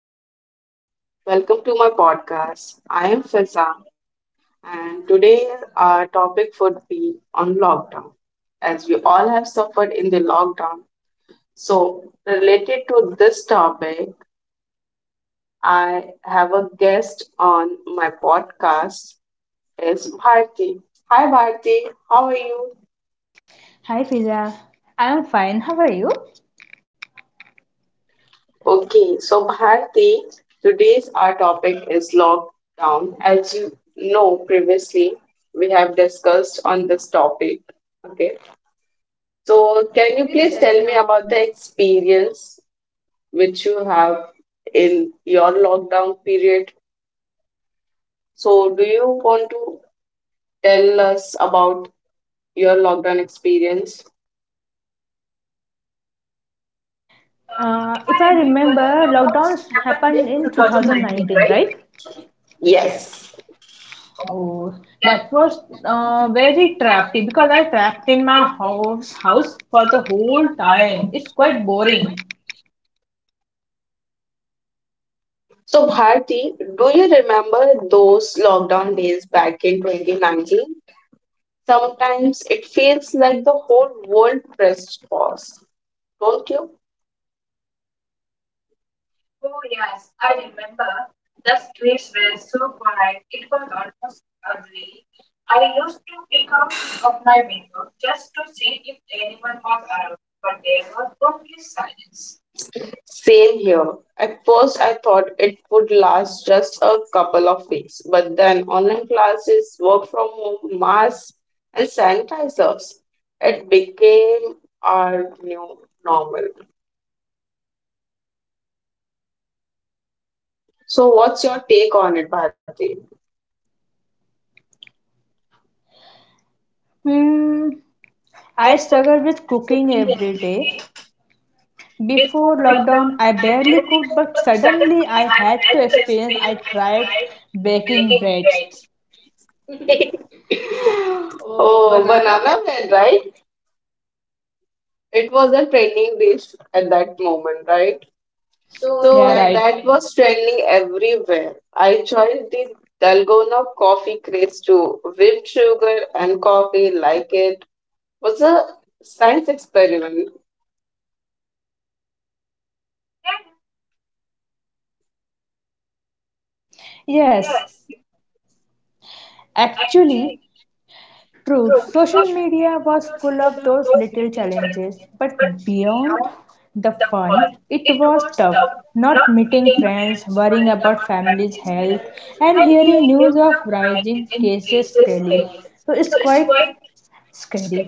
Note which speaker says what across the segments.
Speaker 1: everyone. Welcome to my podcast. I am Filza and today our topic would be on lockdown. As we all have suffered in the lockdown. So, related to this topic, I have a guest on my podcast is Bharti. Hi Bharti, how are you?
Speaker 2: Hi Fiza, I'm fine. How are you?
Speaker 1: Okay, so Bharti, today's our topic is lockdown. As you know previously, we have discussed on this topic. Okay, so can you please tell me about the experience which you have in your lockdown period? So, do you want to tell us about your lockdown experience?
Speaker 2: If I remember, lockdowns happened in 2019, right?
Speaker 1: Yes.
Speaker 2: Oh, that was very trappy because I trapped in my house for the whole time. It's quite boring.
Speaker 1: So, Bharti, do you remember those lockdown days back in 2019? Sometimes it feels like the whole world pressed pause, don't you? Same here. At first, I thought it would last just a couple of weeks, but then online classes, work from home, masks, and sanitizers, it became our new normal. So, what's your take on it, Bharti?
Speaker 2: Hmm. I struggle with cooking every day. Before lockdown, I barely cooked, but suddenly I had to experience. I tried baking breads. Oh,
Speaker 1: Oh,
Speaker 2: banana bread.
Speaker 1: banana bread, right? It was a trending dish at that moment, right?
Speaker 2: So
Speaker 1: So
Speaker 2: yeah, that
Speaker 1: that was trending everywhere. I joined the Dalgona coffee craze too. Whipped sugar and coffee like it was a science experiment.
Speaker 2: yes, actually, true. Social media was full of those little challenges, but beyond the fun, it was tough. Not meeting friends, worrying about family's health, and hearing news of rising cases daily. So it's quite scary.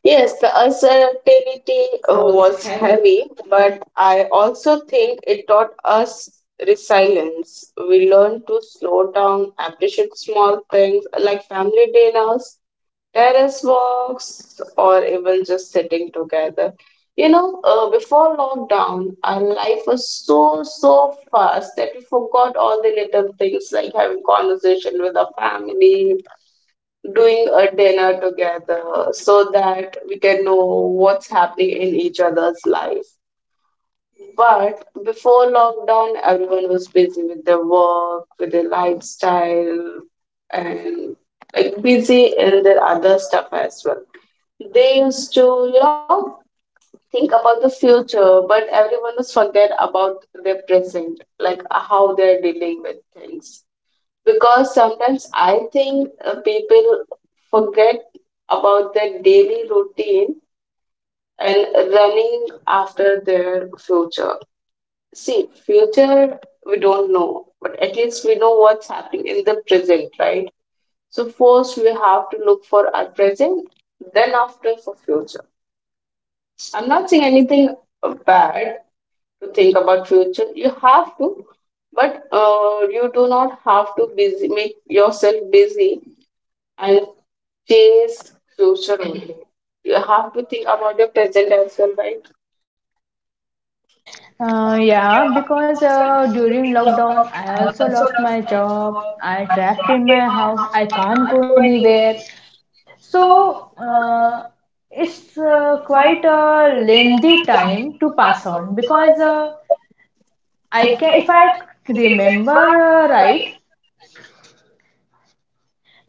Speaker 1: Yes, the uncertainty was heavy, but I also think it taught us resilience. We learned to slow down, appreciate small things like family dinners, terrace walks, or even just sitting together. You know, before lockdown, our life was so, so fast that we forgot all the little things like having conversation with our family, doing a dinner together so that we can know what's happening in each other's life. But before lockdown, everyone was busy with their work, with their lifestyle, and like busy in their other stuff as well. They used to, you know, think about the future, but everyone was forget about their present, like how they're dealing with things because sometimes I think people forget about their daily routine and running after their future. See, future we don't know, but at least we know what's happening in the present, right? So first we have to look for our present, then after for future. I'm not saying anything bad to think about future. You have to, but you do not have to busy make yourself busy and chase future only. You have to think about your present as well, right?
Speaker 2: Yeah, because during lockdown, I also lost my job. I trapped in my house. I can't go anywhere. So it's quite a lengthy time to pass on because I can, if I remember right,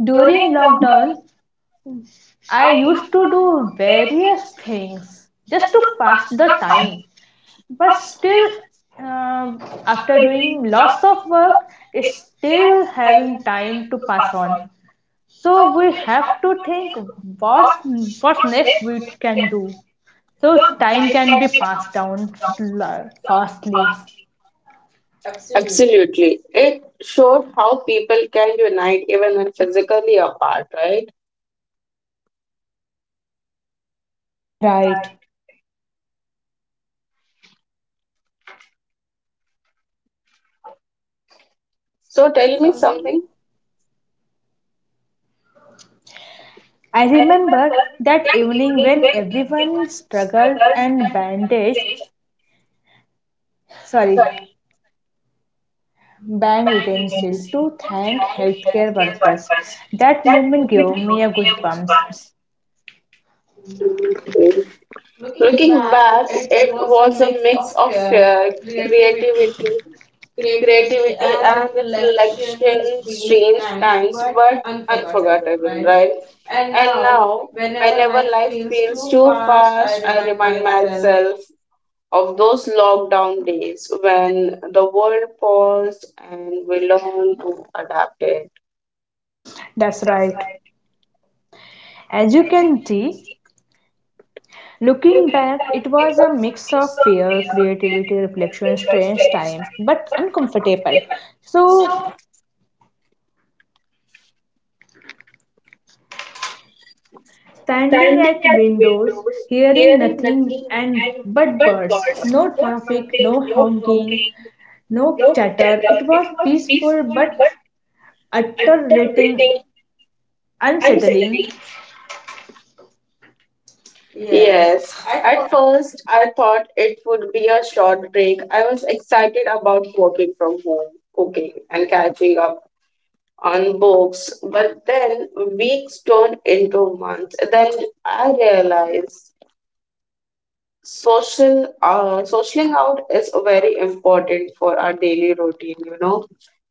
Speaker 2: during lockdown I used to do various things just to pass the time. But still, uh, after doing lots of work, it's still having time to pass on. So we have to think what what next we can do so time can be passed down fastly. Absolutely.
Speaker 1: Absolutely. It showed how people can unite even when physically apart, right?
Speaker 2: Right.
Speaker 1: So tell me
Speaker 2: Something.
Speaker 1: something.
Speaker 2: I remember that evening when everyone struggled and bandaged, sorry, bang utensil to thank healthcare workers. That moment gave me a goosebumps. Looking
Speaker 1: Looking
Speaker 2: back,
Speaker 1: back,
Speaker 2: it
Speaker 1: it
Speaker 2: was a
Speaker 1: was a
Speaker 2: mix
Speaker 1: mix
Speaker 2: of
Speaker 1: of
Speaker 2: care,
Speaker 1: fear,
Speaker 2: creativity,
Speaker 1: creativity,
Speaker 2: creativity
Speaker 1: creativity
Speaker 2: and
Speaker 1: and
Speaker 2: reflection,
Speaker 1: reflection,
Speaker 2: strange
Speaker 1: strange
Speaker 2: times,
Speaker 1: times,
Speaker 2: but
Speaker 1: but
Speaker 2: unforgettable,
Speaker 1: unforgettable,
Speaker 2: right?
Speaker 1: right?
Speaker 2: And
Speaker 1: And
Speaker 2: now,
Speaker 1: now,
Speaker 2: whenever
Speaker 1: whenever
Speaker 2: life
Speaker 1: life
Speaker 2: feels
Speaker 1: feels
Speaker 2: too
Speaker 1: too
Speaker 2: fast, I
Speaker 1: fast, I
Speaker 2: remind
Speaker 1: remind
Speaker 2: myself.
Speaker 1: myself of those lockdown days when the world paused and we learned to adapt it.
Speaker 2: That's right. As you can see, looking back, it was a mix of fear, creativity, reflection, strange time, but uncomfortable. So standing at windows, hearing nothing and but birds. No traffic, no honking, no chatter. It was peaceful but utterly unsettling. Yes.
Speaker 1: Yes,
Speaker 2: At first,
Speaker 1: at first I thought it would be a short break. I was excited about working from home, cooking, and catching up on books, but then weeks turned into months. Then I realized socialing out is very important for our daily routine. You know,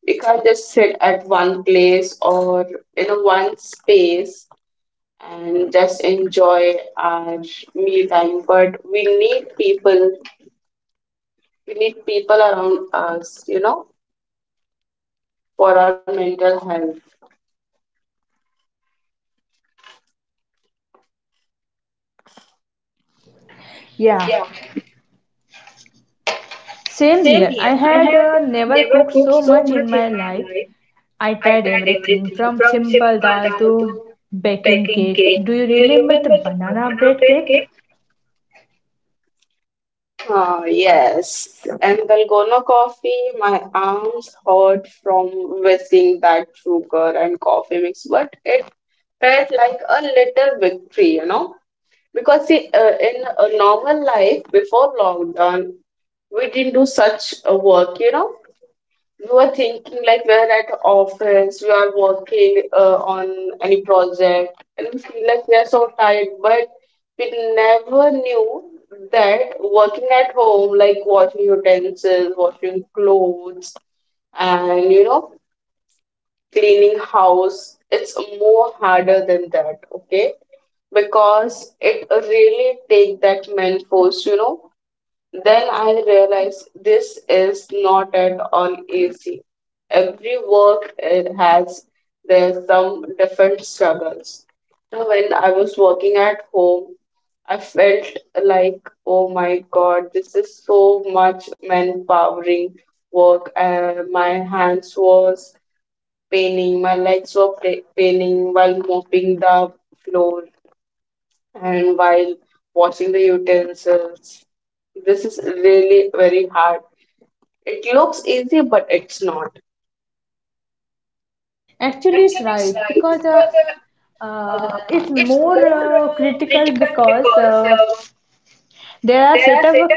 Speaker 1: we can't just sit at one place or in a one space and just enjoy our me time. But we need people. We need people around us. You know, for our mental health.
Speaker 2: yeah, same here. I had never cooked so much in my life. I tried everything from simple dal to baking cakes. Do you remember the banana bread cake?
Speaker 1: Ah, yes. And Dalgona coffee, my arms hurt from whizzing that sugar and coffee mix, but it felt like a little victory. Because see, in a normal life before lockdown, we didn't do such a work. You know, you are thinking like we're at office, you are working on any project, and we feel like we are so tired, but we never knew that working at home, like washing utensils, washing clothes, and you know, cleaning house, it's more harder than that, okay? Because it really take that man force. You know, then I realized this is not at all easy. Every work it has there's some different struggles. So when I was working at home, I felt like, oh my God, this is so much manpowering work. My hands was paining, my legs were paining while mopping the floor and while washing the utensils. This is really very hard. It looks easy, but it's not.
Speaker 2: Actually, it's right because it's more critical because there are set up a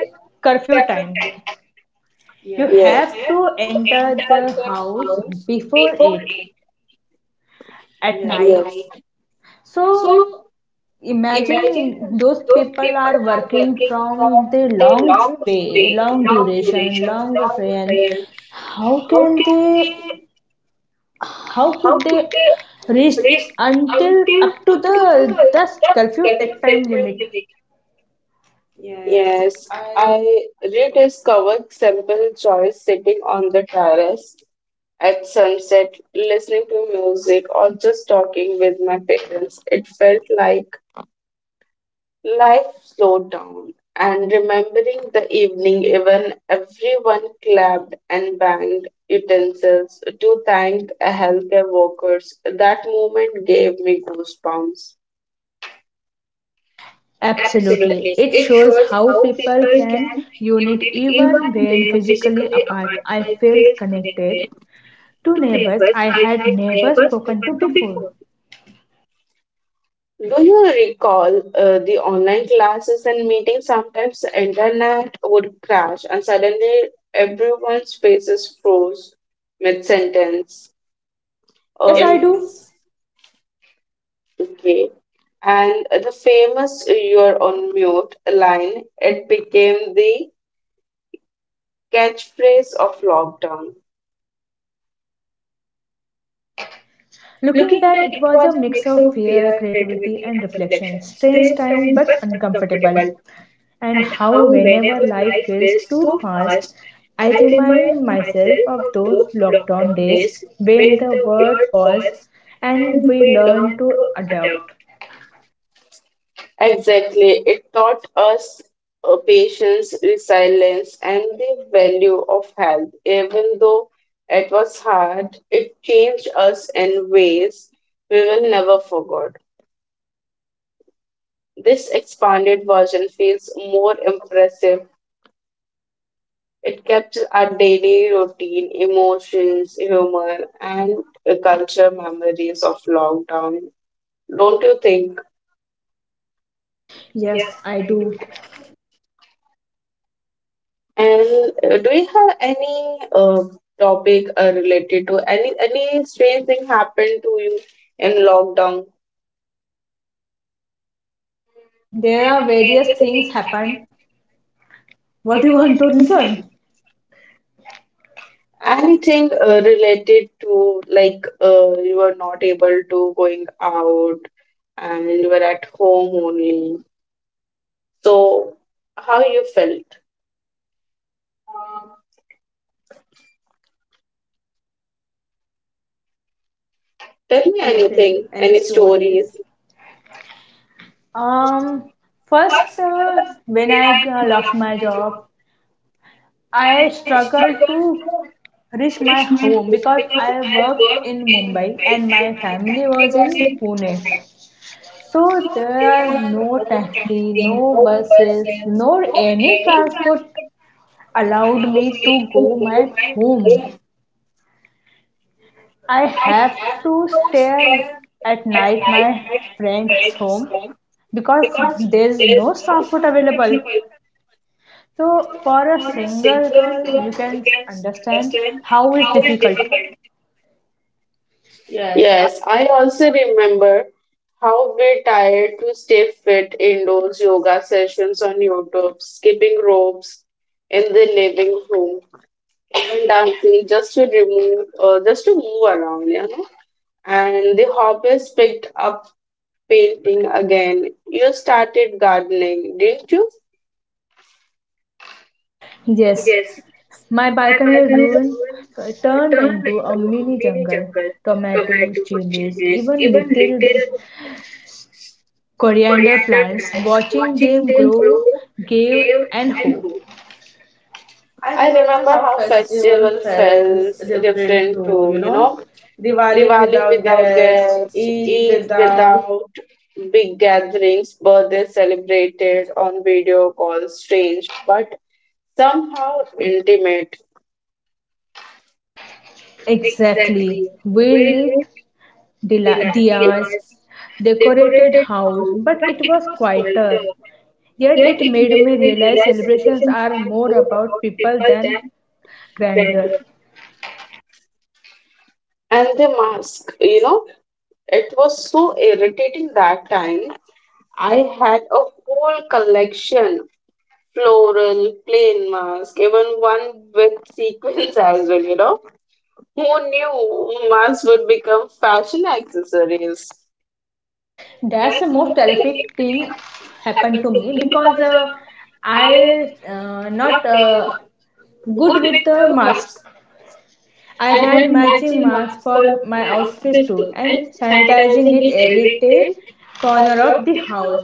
Speaker 2: curfew time. You yes,
Speaker 1: You have
Speaker 2: have to
Speaker 1: to enter
Speaker 2: enter the
Speaker 1: the
Speaker 2: house
Speaker 1: house
Speaker 2: before
Speaker 1: before
Speaker 2: eight
Speaker 1: it
Speaker 2: at yes,
Speaker 1: at
Speaker 2: night.
Speaker 1: night.
Speaker 2: So imagine those people are working from the long way, long duration, long train. How can they? How could they reach until up to the curfew set time limit? Yes,
Speaker 1: Yes,
Speaker 2: I
Speaker 1: I rediscovered simple joys sitting on the terrace at sunset, listening to music, or just talking with my parents. It felt like life slowed down, and remembering the evening, even everyone clapped and banged utensils to thank a healthcare workers. That moment gave me goosebumps.
Speaker 2: absolutely. It shows how people can unite even when physically apart. I felt connected to neighbors I had never spoken to before.
Speaker 1: Do you recall the online classes and meetings? Sometimes the internet would crash, and suddenly everyone's faces froze mid sentence.
Speaker 2: Yes, I do. Yes.
Speaker 1: Okay. And the famous "You're on mute" line, it became the catchphrase of lockdown.
Speaker 2: Looking back, it was a mix of fear, creativity, and reflection. Strange time, but uncomfortable. And how, whenever life feels too fast, I remind myself of those lockdown days when the world paused and we learned to adapt.
Speaker 1: Exactly. It taught us patience, resilience, and the value of health. Even though it was hard, it changed us in ways we will never forget. This expanded version feels more impressive. It captures our daily routine, emotions, humor, and culture memories of lockdown. Don't you think?
Speaker 2: Yes, I do.
Speaker 1: And do you have any topic related to any strange thing happened to you in lockdown?
Speaker 2: There are various things happen. What you want to listen?
Speaker 1: Anything related to like you were not able to going out and you were at home only. So how you felt? Tell
Speaker 2: Me
Speaker 1: me anything,
Speaker 2: anything, any
Speaker 1: any
Speaker 2: stories.
Speaker 1: stories.
Speaker 2: Um, First, when I lost my job, I struggled to reach my home because I worked in Mumbai and my family was in Pune. So there are no taxi, no buses, nor any transport allowed me to go my home. I have to stay at night my friend's home because there's no transport available. So for a single girl, you can understand how it's difficult. Yes, I-
Speaker 1: Yes, I also remember how we tired to stay fit indoors yoga sessions on YouTube, skipping ropes in the living room, and dancing just to move around, you know. And the hobbies picked up painting again. You started gardening, didn't you?
Speaker 2: yes, my balcony ruin turned into a mini jungle. Tomatoes, chilies, even little coriander plants. Watching them grow gave an hope. I
Speaker 1: I
Speaker 2: remember
Speaker 1: remember
Speaker 2: how
Speaker 1: how
Speaker 2: festival
Speaker 1: festival
Speaker 2: felt
Speaker 1: felt
Speaker 2: different
Speaker 1: different
Speaker 2: too, you
Speaker 1: too, you
Speaker 2: know.
Speaker 1: know.
Speaker 2: Diwali
Speaker 1: Diwali
Speaker 2: without
Speaker 1: without
Speaker 2: guests,
Speaker 1: guests,
Speaker 2: Eid
Speaker 1: Eid
Speaker 2: without
Speaker 1: without big gatherings, birthdays celebrated on video calls, strange, but somehow intimate.
Speaker 2: exactly. We lit dila- diyas, decorated house, but it was quieter. Yet it made me realize celebrations are more about people than grandeur.
Speaker 1: And the mask, you know, it was so irritating that time. I had a whole collection floral, plain mask, even one with sequins as well, you know. Who knew masks would become fashion accessories?
Speaker 2: That's the most terrific thing happened to me because I not good with the mas- I had matching masks for my outfits too and sanitizing it every day corner of the house.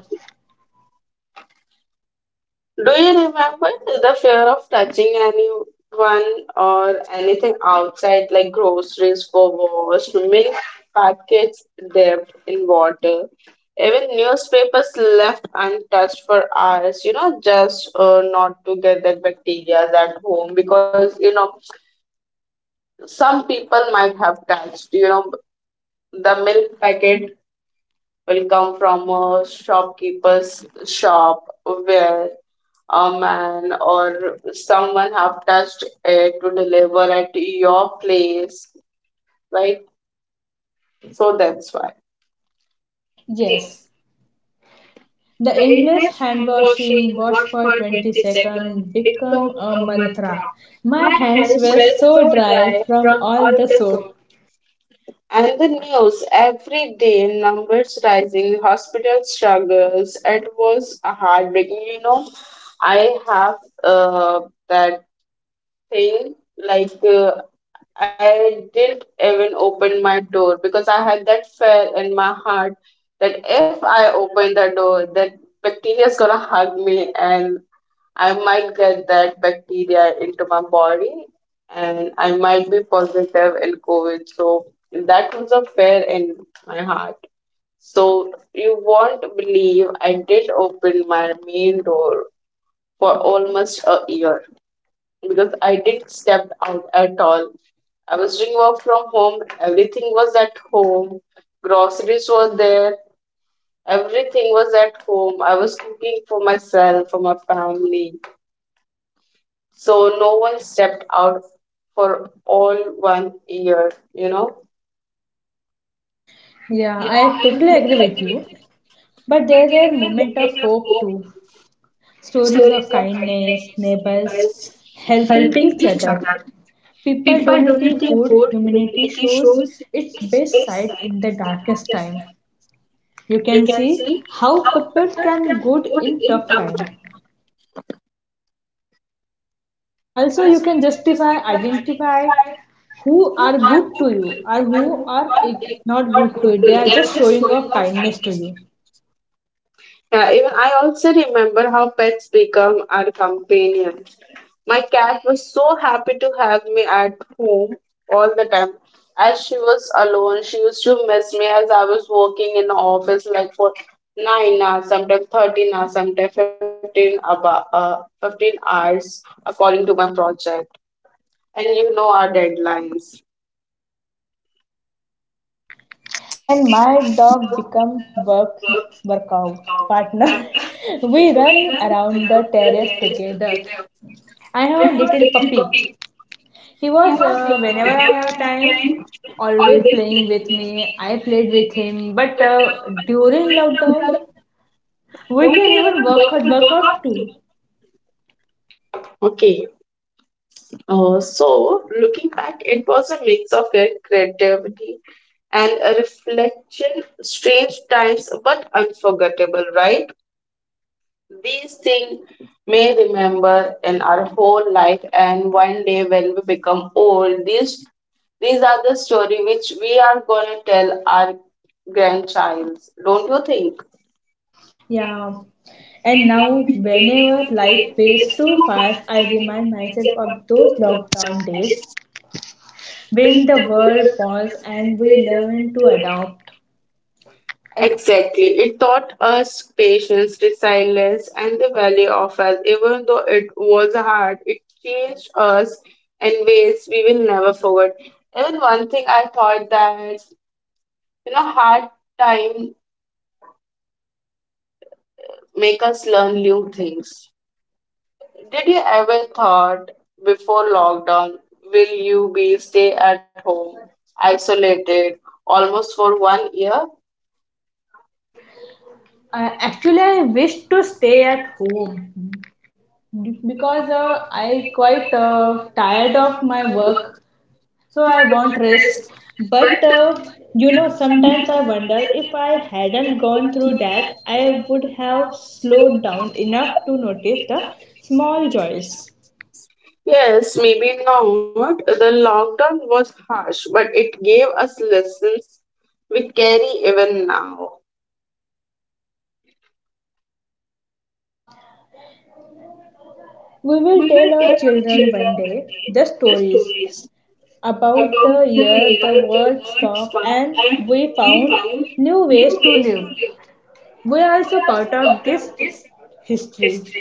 Speaker 1: Do you remember the fear of touching anyone or anything outside, like groceries for wash, milk packets dipped in water, even newspapers left untouched for hours? You know, just not to get that bacteria at home because you know some people might have touched. You know, the milk packet will come from a shopkeeper's shop where a man or someone have touched it to deliver at your place, right? So that's why.
Speaker 2: Yes, the endless hand washing, wash for 20 seconds, become a mantra. My hands were so dry from all the soap.
Speaker 1: And the news every day numbers rising, hospital struggles. It was heartbreaking, you know. I have uh, that thing. Like I didn't even open my door because I had that fear in my heart that if I open the door, that bacteria is gonna hug me and I might get that bacteria into my body and I might be positive in COVID. So that was a fear in my heart. So you won't believe I did open my main door for almost a year because I didn't step out at all. I was doing work from home. Everything was at home. Groceries were there. Everything was at home. I was cooking for myself, for my family. So no one stepped out for all one year, you know.
Speaker 2: Yeah, I totally agree with you. But there were moments of hope too. Stories of kindness, neighbors helping each other, people donating food, humanity shows its best side in the darkest time. You can see how people can good in tough time. Also, you can justify, identify who are good to you or who are not good to you. They are just showing of kindness to you.
Speaker 1: Yeah, even I also remember how pets become our companion. My cat was so happy to have me at home all the time. As she was alone, she used to miss me as I was working in the office like for 9 hours, sometimes 13 hours, sometimes fifteen about 15 hours according to my project. And you know our deadlines.
Speaker 2: And my dog become workout partner. We run around the terrace together. I have a little puppy. He was, whenever I have time, always playing with me. I played with him. But during lockdown, we can even work out too.
Speaker 1: Okay. So looking back, it was a mix of their creativity and a reflection, strange times but unforgettable, right? These things may remember in our whole life, and one day when we become old, these are the story which we are gonna tell our grandchilds. Don't you think?
Speaker 2: Yeah. And now, whenever life feels too fast, I remind myself of those lockdown days when the world paused and we learned to adapt. Ac-
Speaker 1: Exactly. It taught us patience, resilience, and the value of us. Even though it was hard, it changed us in ways we will never forget. Even one thing I thought that you know, hard time make us learn new things. Did you ever thought before lockdown, will you be stay at home, isolated, almost for one year?
Speaker 2: Actually, I wish to stay at home because I quite tired of my work, so I won't risk, but you know, sometimes I wonder if I hadn't gone through that, I would have slowed down enough to notice the small joys.
Speaker 1: Yes, maybe not. The lockdown was harsh, but it gave us lessons we carry even now.
Speaker 2: We will tell our children one day the stories about the year the world stopped and we found new ways to live. We are also part of this history.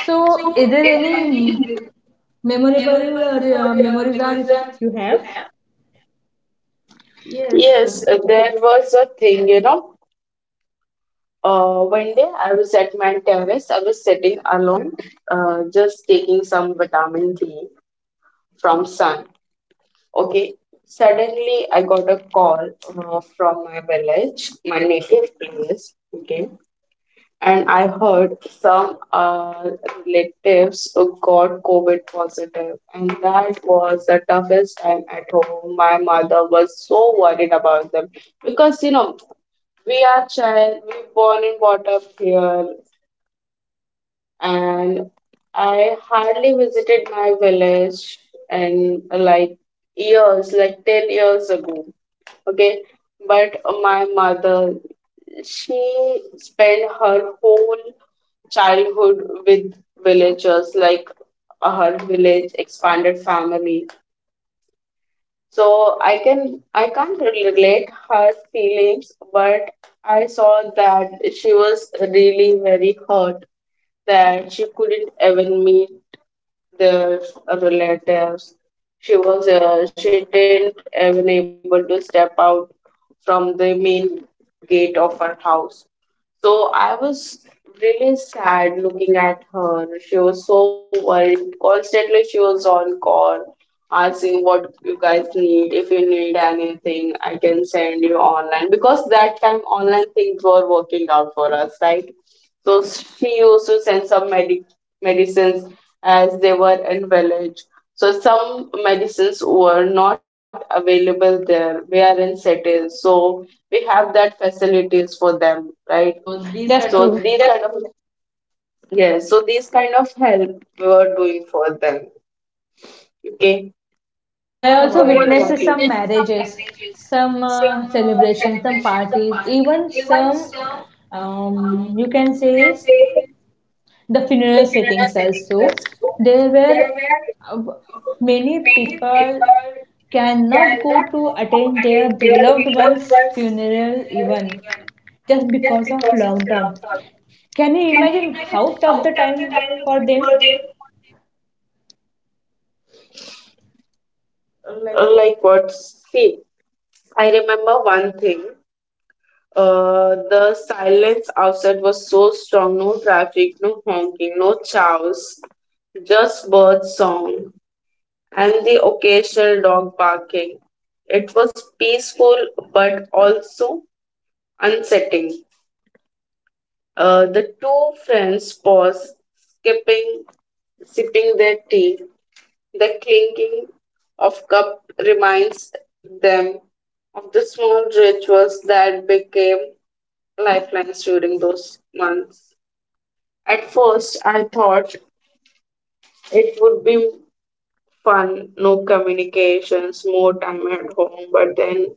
Speaker 2: So is there any memorable memories that you have? Yes,
Speaker 1: Yes, there was a thing, you know. One day I was at my terrace. I was sitting alone, just taking some vitamin D from sun. Okay, suddenly I got a call from my village, my native place. Okay, and I heard some relatives who got COVID positive, and that was the toughest time at home. My mother was so worried about them because you know we are child, we born and brought up here, and I hardly visited my village in like years, like 10 years ago. Okay, but my mother, she spent her whole childhood with villagers, like her village expanded family. So I can't relate her feelings, but I saw that she was really very hurt that she couldn't even meet their relatives. She was she didn't even able to step out from the main gate of her house. So I was really sad looking at her. She was so worried. Constantly she was on call asking what you guys need. If you need anything, I can send you online. Because that time online things were working out for us, right? So she used to send some medicines as they were in village. So some medicines were not available there. We are in cities, so we have that facilities for them, right?
Speaker 2: so these that's
Speaker 1: So
Speaker 2: kind of true.
Speaker 1: these kind of yes, so these kind of help we were doing for them. Okay.
Speaker 2: So I what also
Speaker 1: So
Speaker 2: about you?
Speaker 1: what about
Speaker 2: Witnessed
Speaker 1: you?
Speaker 2: some marriages, some celebrations, some parties, even some, you can say, the funeral settings also. There were uh, many people cannot go to attend their beloved one's funeral even just because of lockdown. Can you imagine how tough the time for them? Like
Speaker 1: Like what? See, I remember one thing. The silence outside was so strong, no traffic, no honking, no chows, just bird song and the occasional dog barking. It was peaceful but also unsettling. The two friends paused, sipping their tea. The clinking of cup reminds them of the small rituals that became lifelines during those months. At first, I thought it would be fun, no communications, more time at home, but then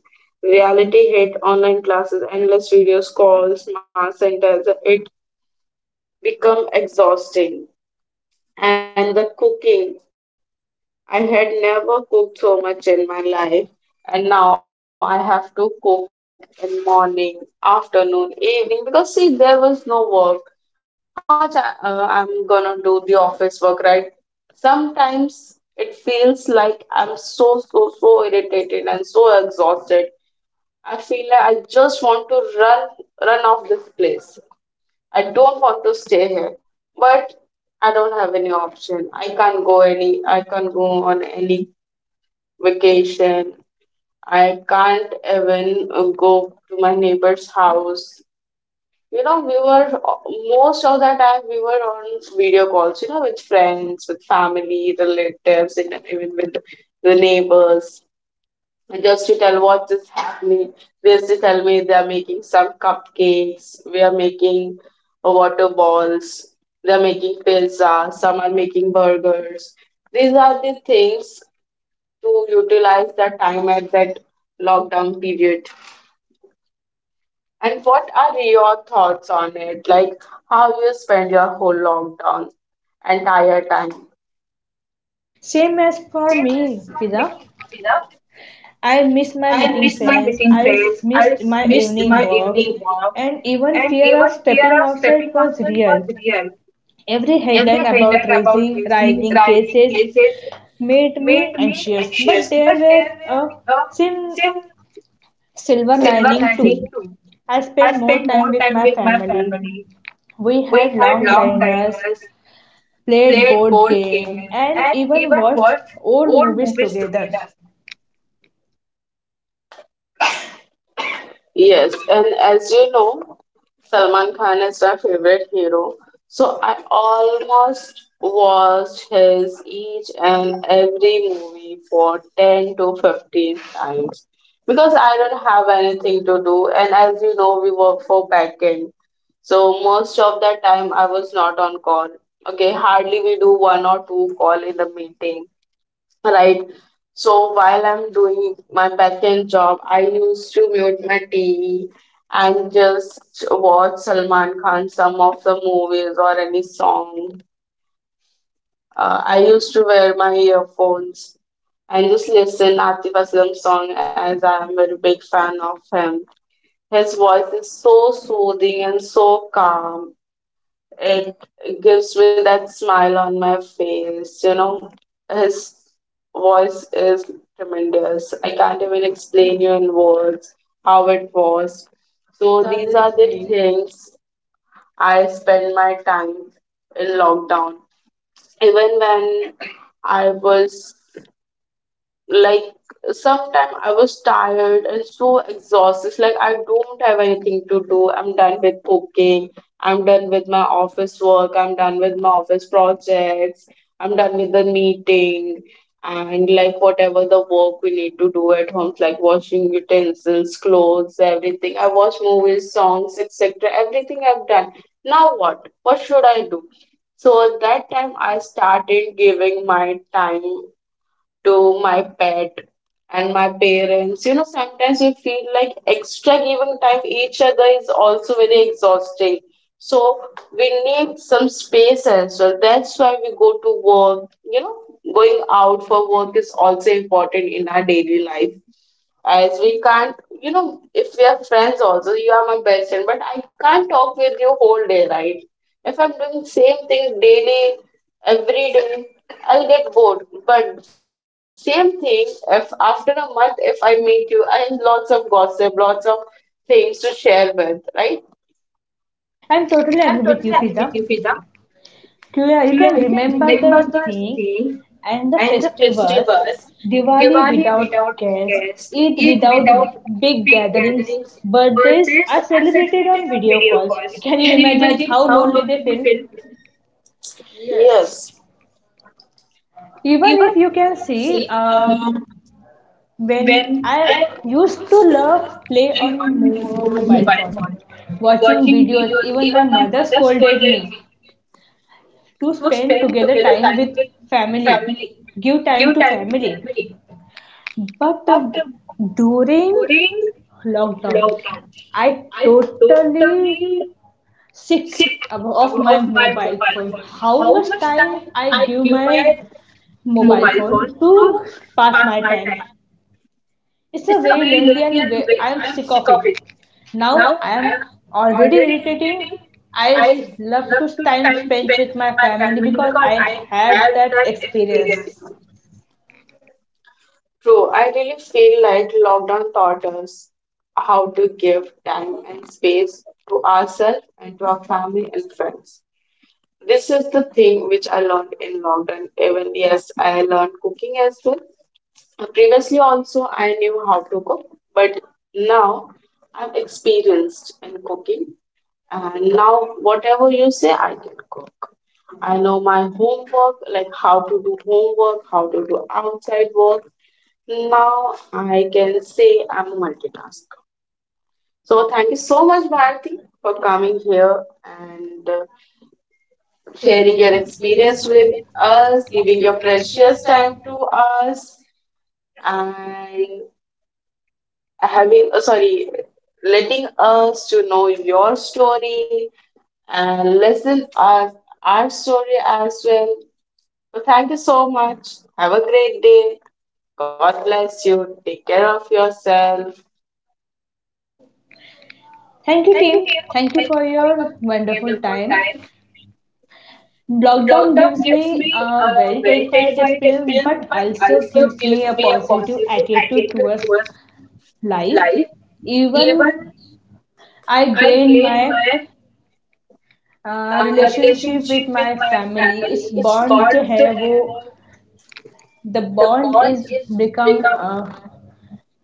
Speaker 1: reality hit online classes, endless videos, calls, mass centers, it become exhausting. And the cooking, I had never cooked so much in my life, and now I have to cook in morning, afternoon, evening because see, there was no work. How much I, I'm gonna do the office work, right? Sometimes it feels like I'm so irritated and so exhausted. I feel like I just want to run, run off this place. I don't want to stay here but I don't have any option. I can't go on any vacation. I can't even go to my neighbor's house. You know, we were most of the time we were on video calls, you know, with friends, with family, relatives, and even with the neighbors. And just to tell what is happening. They used to tell me they are making some cupcakes, we are making water balls, they are making pizza, some are making burgers. These are the things to utilize that time at that lockdown period. And what are your thoughts on it? Like how you spend your whole lockdown entire time?
Speaker 2: same as for me, Fiza. I miss my meeting friends, I s- missed my evening walks, and even fear of stepping outside was real. Every headline about rising cases made me anxious, but there were a sim- silver lining too. I spent more time with my family. We had long dinners, played board games, and even watched old movies together.
Speaker 1: Yes, and as you know, Salman Khan is my favorite hero. So I almost watched his each and every movie for 10 to 15 times because I don't have anything to do. And as you know, we work for backend. So most of the time I was not on call. Okay, hardly we do one or two call in the meeting. Right. So while I'm doing my backend job, I used to mute my TV and just watch Salman Khan some of the movies or any song. I used to wear my earphones and just listen Atif Aslam song as I'm a very big fan of him. His voice is so soothing and so calm, it gives me that smile on my face, you know. His voice is tremendous. I can't even explain you in words how it was. So
Speaker 2: These are
Speaker 1: these
Speaker 2: the
Speaker 1: are the
Speaker 2: things.
Speaker 1: things I spend my time in lockdown. Even when I was, like, sometimes I was tired and so exhausted. Like, I don't have anything to do. I'm done with cooking. I'm done with my office work. I'm done with my office projects. I'm done with the meeting, and like whatever the work we need to do at home, like washing utensils, clothes, everything. I watch movies, songs, etc. Everything I've done. Now what? What should I do? So at that time, I started giving my time to my pet and my parents. You know, sometimes we feel like extra giving time each other is also very exhausting. So we need some space as well. That's why we go to work. You know, going out for work is also important in our daily life, as we can't, you know, if we are friends also, you are my best friend but I can't talk with you whole day, right? If I'm doing same thing daily, every day, I'll get bored. But same thing, if after a month if I meet you, I have lots of gossip, lots of things to share with, right?
Speaker 2: I'm totally agree with you, Fiza. Yeah, you can remember the things and the festivals, Diwali without guests, Eid without big gatherings, birthdays are celebrated on video calls. Can you imagine how lonely they feel? Yes.
Speaker 1: Yes,
Speaker 2: Even if you can see, when I used to love play on mo- mobile phone, watching videos, even my mother scolded me to spend together time with family, give time to family, but during lockdown I totally sick of my mobile phone. How much time I give my mobile phone to pass my time. It's a very lengthy and ve- I am sick of it. Now I am already irritating. I love to time spent with my family because I had that experience
Speaker 1: true, I really feel like lockdown taught us how to give time and space to ourselves and to our family and friends. This is the thing which I learned in London. Even yes, I learned cooking as well. Previously also I knew how to cook, but now I'm experienced in cooking. And now whatever you say, I can cook. I know my homework, like how to do homework, how to do outside work. Now I can say I'm a multitasker. So thank you so much, Bharti, for coming here and
Speaker 2: sharing
Speaker 1: sharing
Speaker 2: your
Speaker 1: your
Speaker 2: experience
Speaker 1: experience
Speaker 2: with
Speaker 1: with
Speaker 2: us,
Speaker 1: us,
Speaker 2: giving
Speaker 1: giving
Speaker 2: your
Speaker 1: your
Speaker 2: precious
Speaker 1: precious time
Speaker 2: time to
Speaker 1: to us, and having sorry, letting us to know your story and listen us our story as well. So thank you so much. Have a great day. God bless you. Take care of yourself.
Speaker 2: thank you, team. Thank you for your wonderful time. Lockdown gives me a very terrified experience, but also gives me a positive attitude towards life. Even I gain my relationship with my family. It's bond जो है the bond is become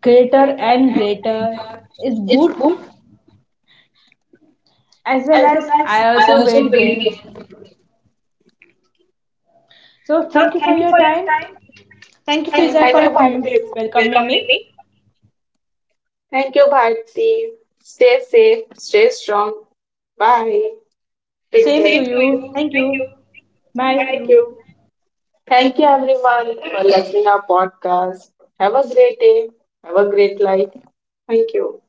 Speaker 2: greater and greater. It's good as well as I also weight gain. So thank you for your time. Thank you,
Speaker 1: Thank
Speaker 2: Fiza,
Speaker 1: you,
Speaker 2: for
Speaker 1: Bharti.
Speaker 2: welcoming me.
Speaker 1: Thank you, Bharti. Stay safe. Stay strong. Bye.
Speaker 2: Take care.
Speaker 1: Take
Speaker 2: Same to
Speaker 1: care.
Speaker 2: you. Thank you. Bye. Thank
Speaker 1: Thank
Speaker 2: you.
Speaker 1: you. Thank you everyone for listening our podcast. Have a great day. Have a great life. Thank you.